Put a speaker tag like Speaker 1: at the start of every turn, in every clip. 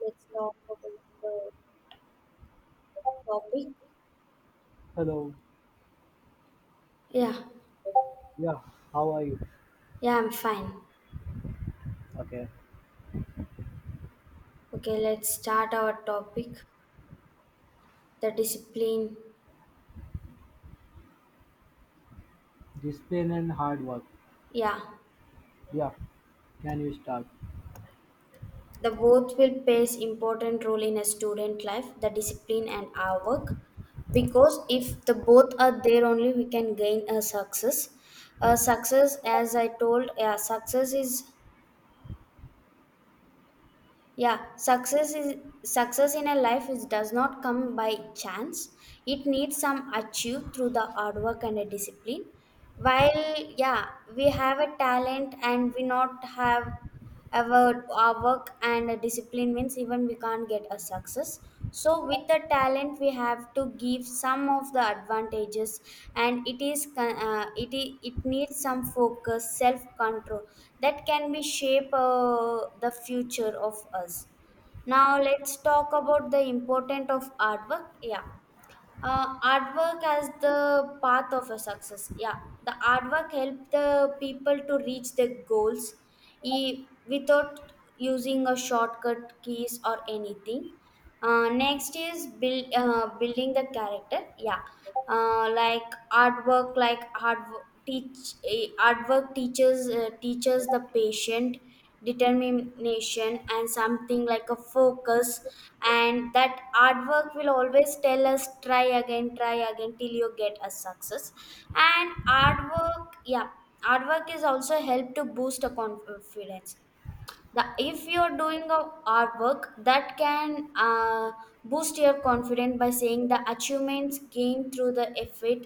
Speaker 1: Let's talk about the topic.
Speaker 2: Hello.
Speaker 1: Yeah,
Speaker 2: Yeah. How are you?
Speaker 1: yeah, I'm fine.
Speaker 2: Okay.
Speaker 1: Okay, let's start our topic. The discipline,
Speaker 2: Discipline and hard work.
Speaker 1: yeah,
Speaker 2: Yeah. Can you start?
Speaker 1: the both will plays important role in a student life, the discipline and our work. Because if the both are there only, we can gain a success. A success, as I told, yeah, success is success in a life is does not come by chance. It needs some achieved through the hard work and a discipline while yeah we have a talent and we not have our work and a discipline means even we can't get a success, so with the talent we have to give some of the advantages. And it is it needs some focus self control that can be shape the future of us. Now let's talk about the importance of artwork, yeah. Artwork as the path of a success, yeah. The artwork help the people to reach their goals, without using a shortcut keys or anything. Next is building the character. Yeah, like artwork, like artwork teaches teaches the patient, determination and something like a focus. And that artwork will always tell us try again, try again till you get a success. And artwork, yeah, artwork is also help to boost a confidence. The if you're doing a artwork that can boost your confidence by saying the achievements gained through the effort,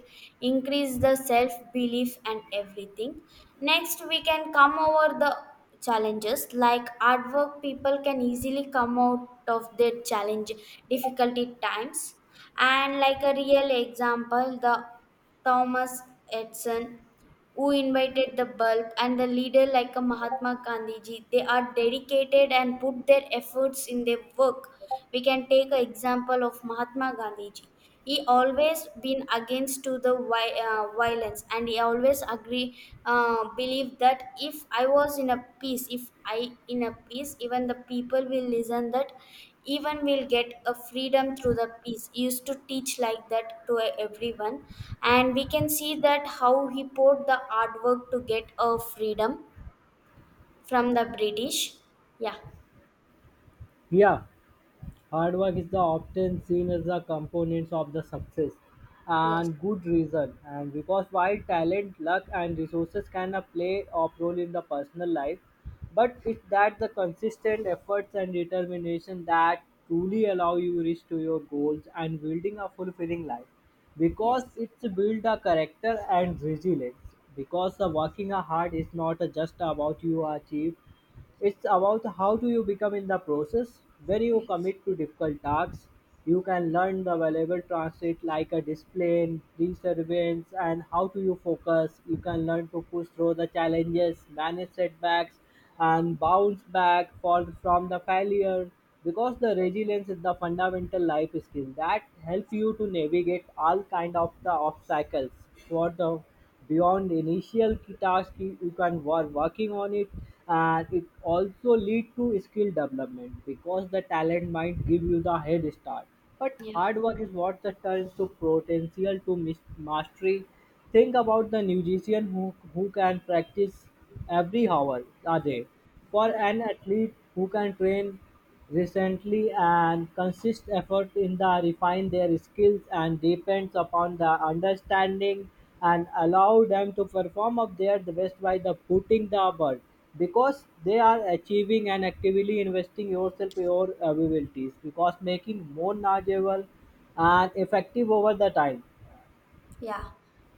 Speaker 1: increase the self belief and everything. Next we can come over the challenges, like artwork people can easily come out of their challenge difficulty times. And like a real example, the thomas edison who invited the bulb and the leader like a mahatma gandhiji, they are dedicated and put their efforts in their work. We can take an example of mahatma gandhiji. He always been against to the violence and he always agree, believe that if I was in a peace, if I in a peace even the people will listen that, even we'll get a freedom through the peace, he used to teach like that to everyone. And we can see that how he poured the artwork to get a freedom from the british. Yeah.
Speaker 2: Yeah. Hard work is the often seen as the components of the success,
Speaker 1: Yes.
Speaker 2: and good reason. And because while talent, luck, and resources can play a role in the personal life, but it's that the consistent efforts and determination that truly allow you reach to your goals and building a fulfilling life. Because
Speaker 1: Yes.
Speaker 2: it's build a character and resilience. Because working hard is not just about you achieve, it's about how do you become in the process. When you commit to difficult tasks, you can learn the valuable transit like a discipline, perseverance, and how do you focus. You can learn to push through the challenges, manage setbacks, and bounce back for, from the failure. Because the resilience is the fundamental life skill that help you to navigate all kind of the obstacles. What the beyond the initial key task you can work working on it, and it also lead to skill development because the talent might give you the head start, but
Speaker 1: Yeah.
Speaker 2: hard work is what the turns to potential to mastery. Think about the musician who can practice every hour a day, for
Speaker 1: Yeah.
Speaker 2: an athlete who can train recently and consist effort in the refine their skills and depends upon the understanding and allow them to perform of their the best by the putting the bird, because they are achieving and actively investing yourself your abilities because making more knowledgeable and effective over the time.
Speaker 1: Yeah.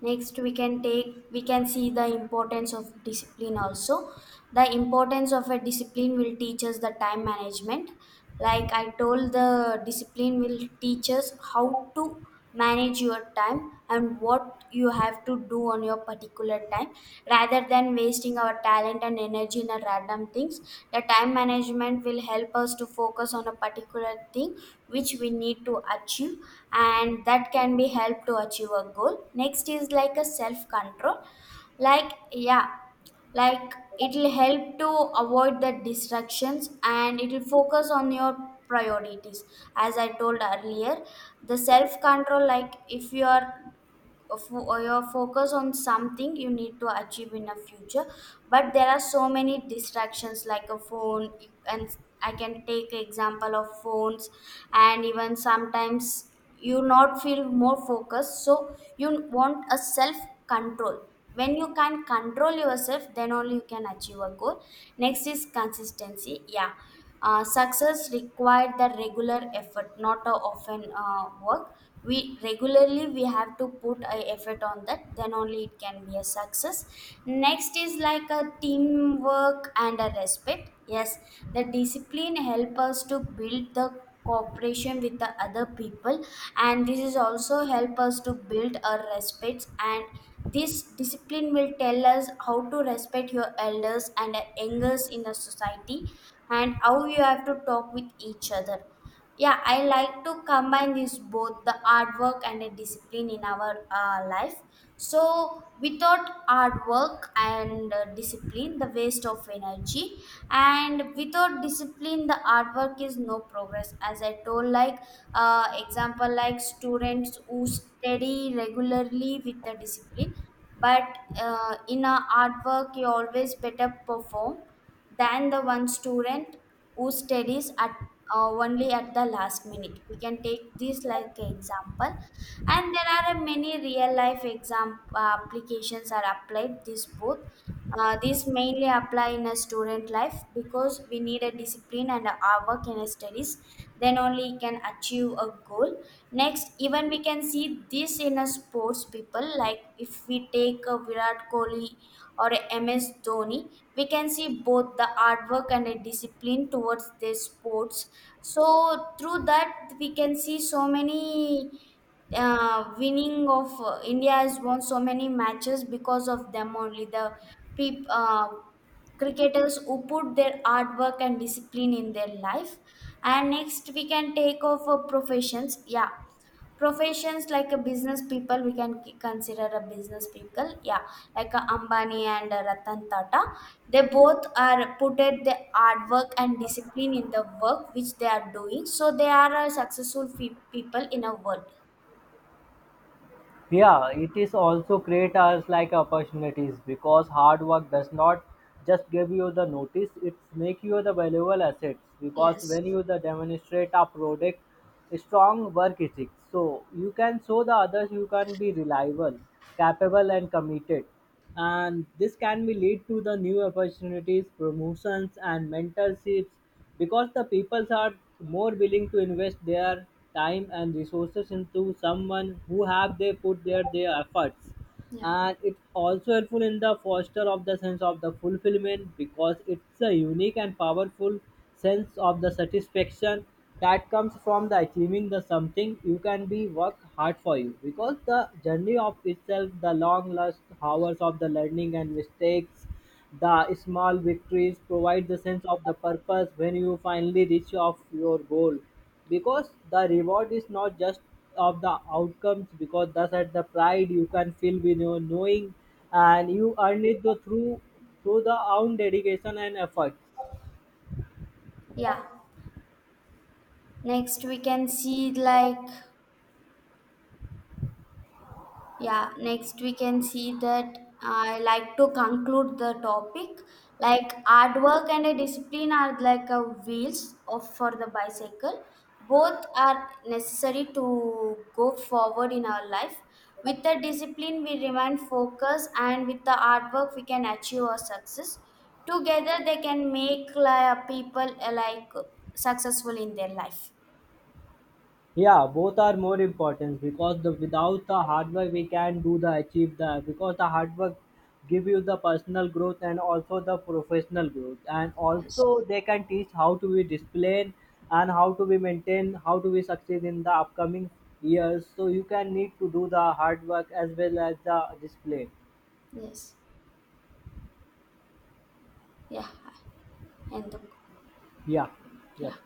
Speaker 1: Next, we can we can see the importance of discipline also. The importance of a discipline will teach us the time management. Like I told, the discipline will teach us how to manage your time and what you have to do on your particular time, rather than wasting our talent and energy in a random things. The time management will help us to focus on a particular thing which we need to achieve, and that can be help to achieve a goal. Next is like a self control, like yeah, like it'll help to avoid the distractions and it'll focus on your priorities. As I told earlier, the self control, like if you are or your focus on something you need to achieve in the future, but there are so many distractions like a phone, and I can take example of phones. And even sometimes you not feel more focused, so you want a self control. When you can control yourself then only you can achieve a goal. Next is consistency, yeah. Success required the regular effort, not a often work. We regularly we have to put a effort on that, then only it can be a success. Next is like a teamwork and a respect. Yes, the discipline help us to build the cooperation with the other people, and this is also help us to build our respects. And this discipline will tell us how to respect your elders and the youngers in the society, and how you have to talk with each other. Yeah, I like to combine this both the artwork and the discipline in our life. So, without artwork and discipline, the waste of energy, and without discipline, the artwork is no progress. As I told, like example, like students who study regularly with the discipline, but in a artwork, you always better perform than the one student who studies at only at the last minute. We can take this like an example, and there are a many real life exam applications are applied this both. These mainly apply in a student life because we need a discipline and a hard work in a studies. Then only you can achieve a goal. Next, even we can see this in a sports people. Like if we take Virat Kohli or MS Dhoni, we can see both the artwork and a discipline towards their sports. So through that, we can see so many winning of India has won so many matches because of them only. The peop, uh, cricketers who put their artwork and discipline in their life. And next, we can take off professions. Yeah, professions like a business people, we can consider a business people, yeah, like a ambani and a ratan tata. They both are put at the hard work and discipline in the work which they are doing, so they are a successful people in a world.
Speaker 2: Yeah, it is also create us like opportunities because hard work does not just give you the notice, it make you the valuable assets because
Speaker 1: Yes.
Speaker 2: when you the demonstrate a product strong work ethic, so you can show the others you can be reliable, capable and committed, and this can be lead to the new opportunities, promotions and mentorships because the peoples are more willing to invest their time and resources into someone who have they put their efforts.
Speaker 1: Yeah.
Speaker 2: And it's also helpful in the foster of the sense of the fulfillment because it's a unique and powerful sense of the satisfaction that comes from the achieving the something you can be work hard for you, because the journey of itself the long last hours of the learning and mistakes, the small victories provide the sense of the purpose when you finally reach of your goal, because the reward is not just of the outcomes because that's at the pride you can feel with your knowing, and you earn it though through the own dedication and effort.
Speaker 1: Yeah. Next we can see like, yeah, next we can see that I like to conclude the topic. Like hard work and a discipline are like a wheels of for the bicycle. Both are necessary to go forward in our life. With the discipline, we remain focused, and with the hard work, we can achieve our success. Together, they can make like, people like successful in their life.
Speaker 2: Yeah, both are more important because the without the hard work we can do the achieve the, because the hard work give you the personal growth and also the professional growth, and
Speaker 1: Yes.
Speaker 2: also they can teach how to be disciplined and how to be maintain how to be succeed in the upcoming years, so you can need to do the hard work as well as the discipline.
Speaker 1: Yes. Yeah. And
Speaker 2: Yeah.
Speaker 1: yeah.
Speaker 2: Yep.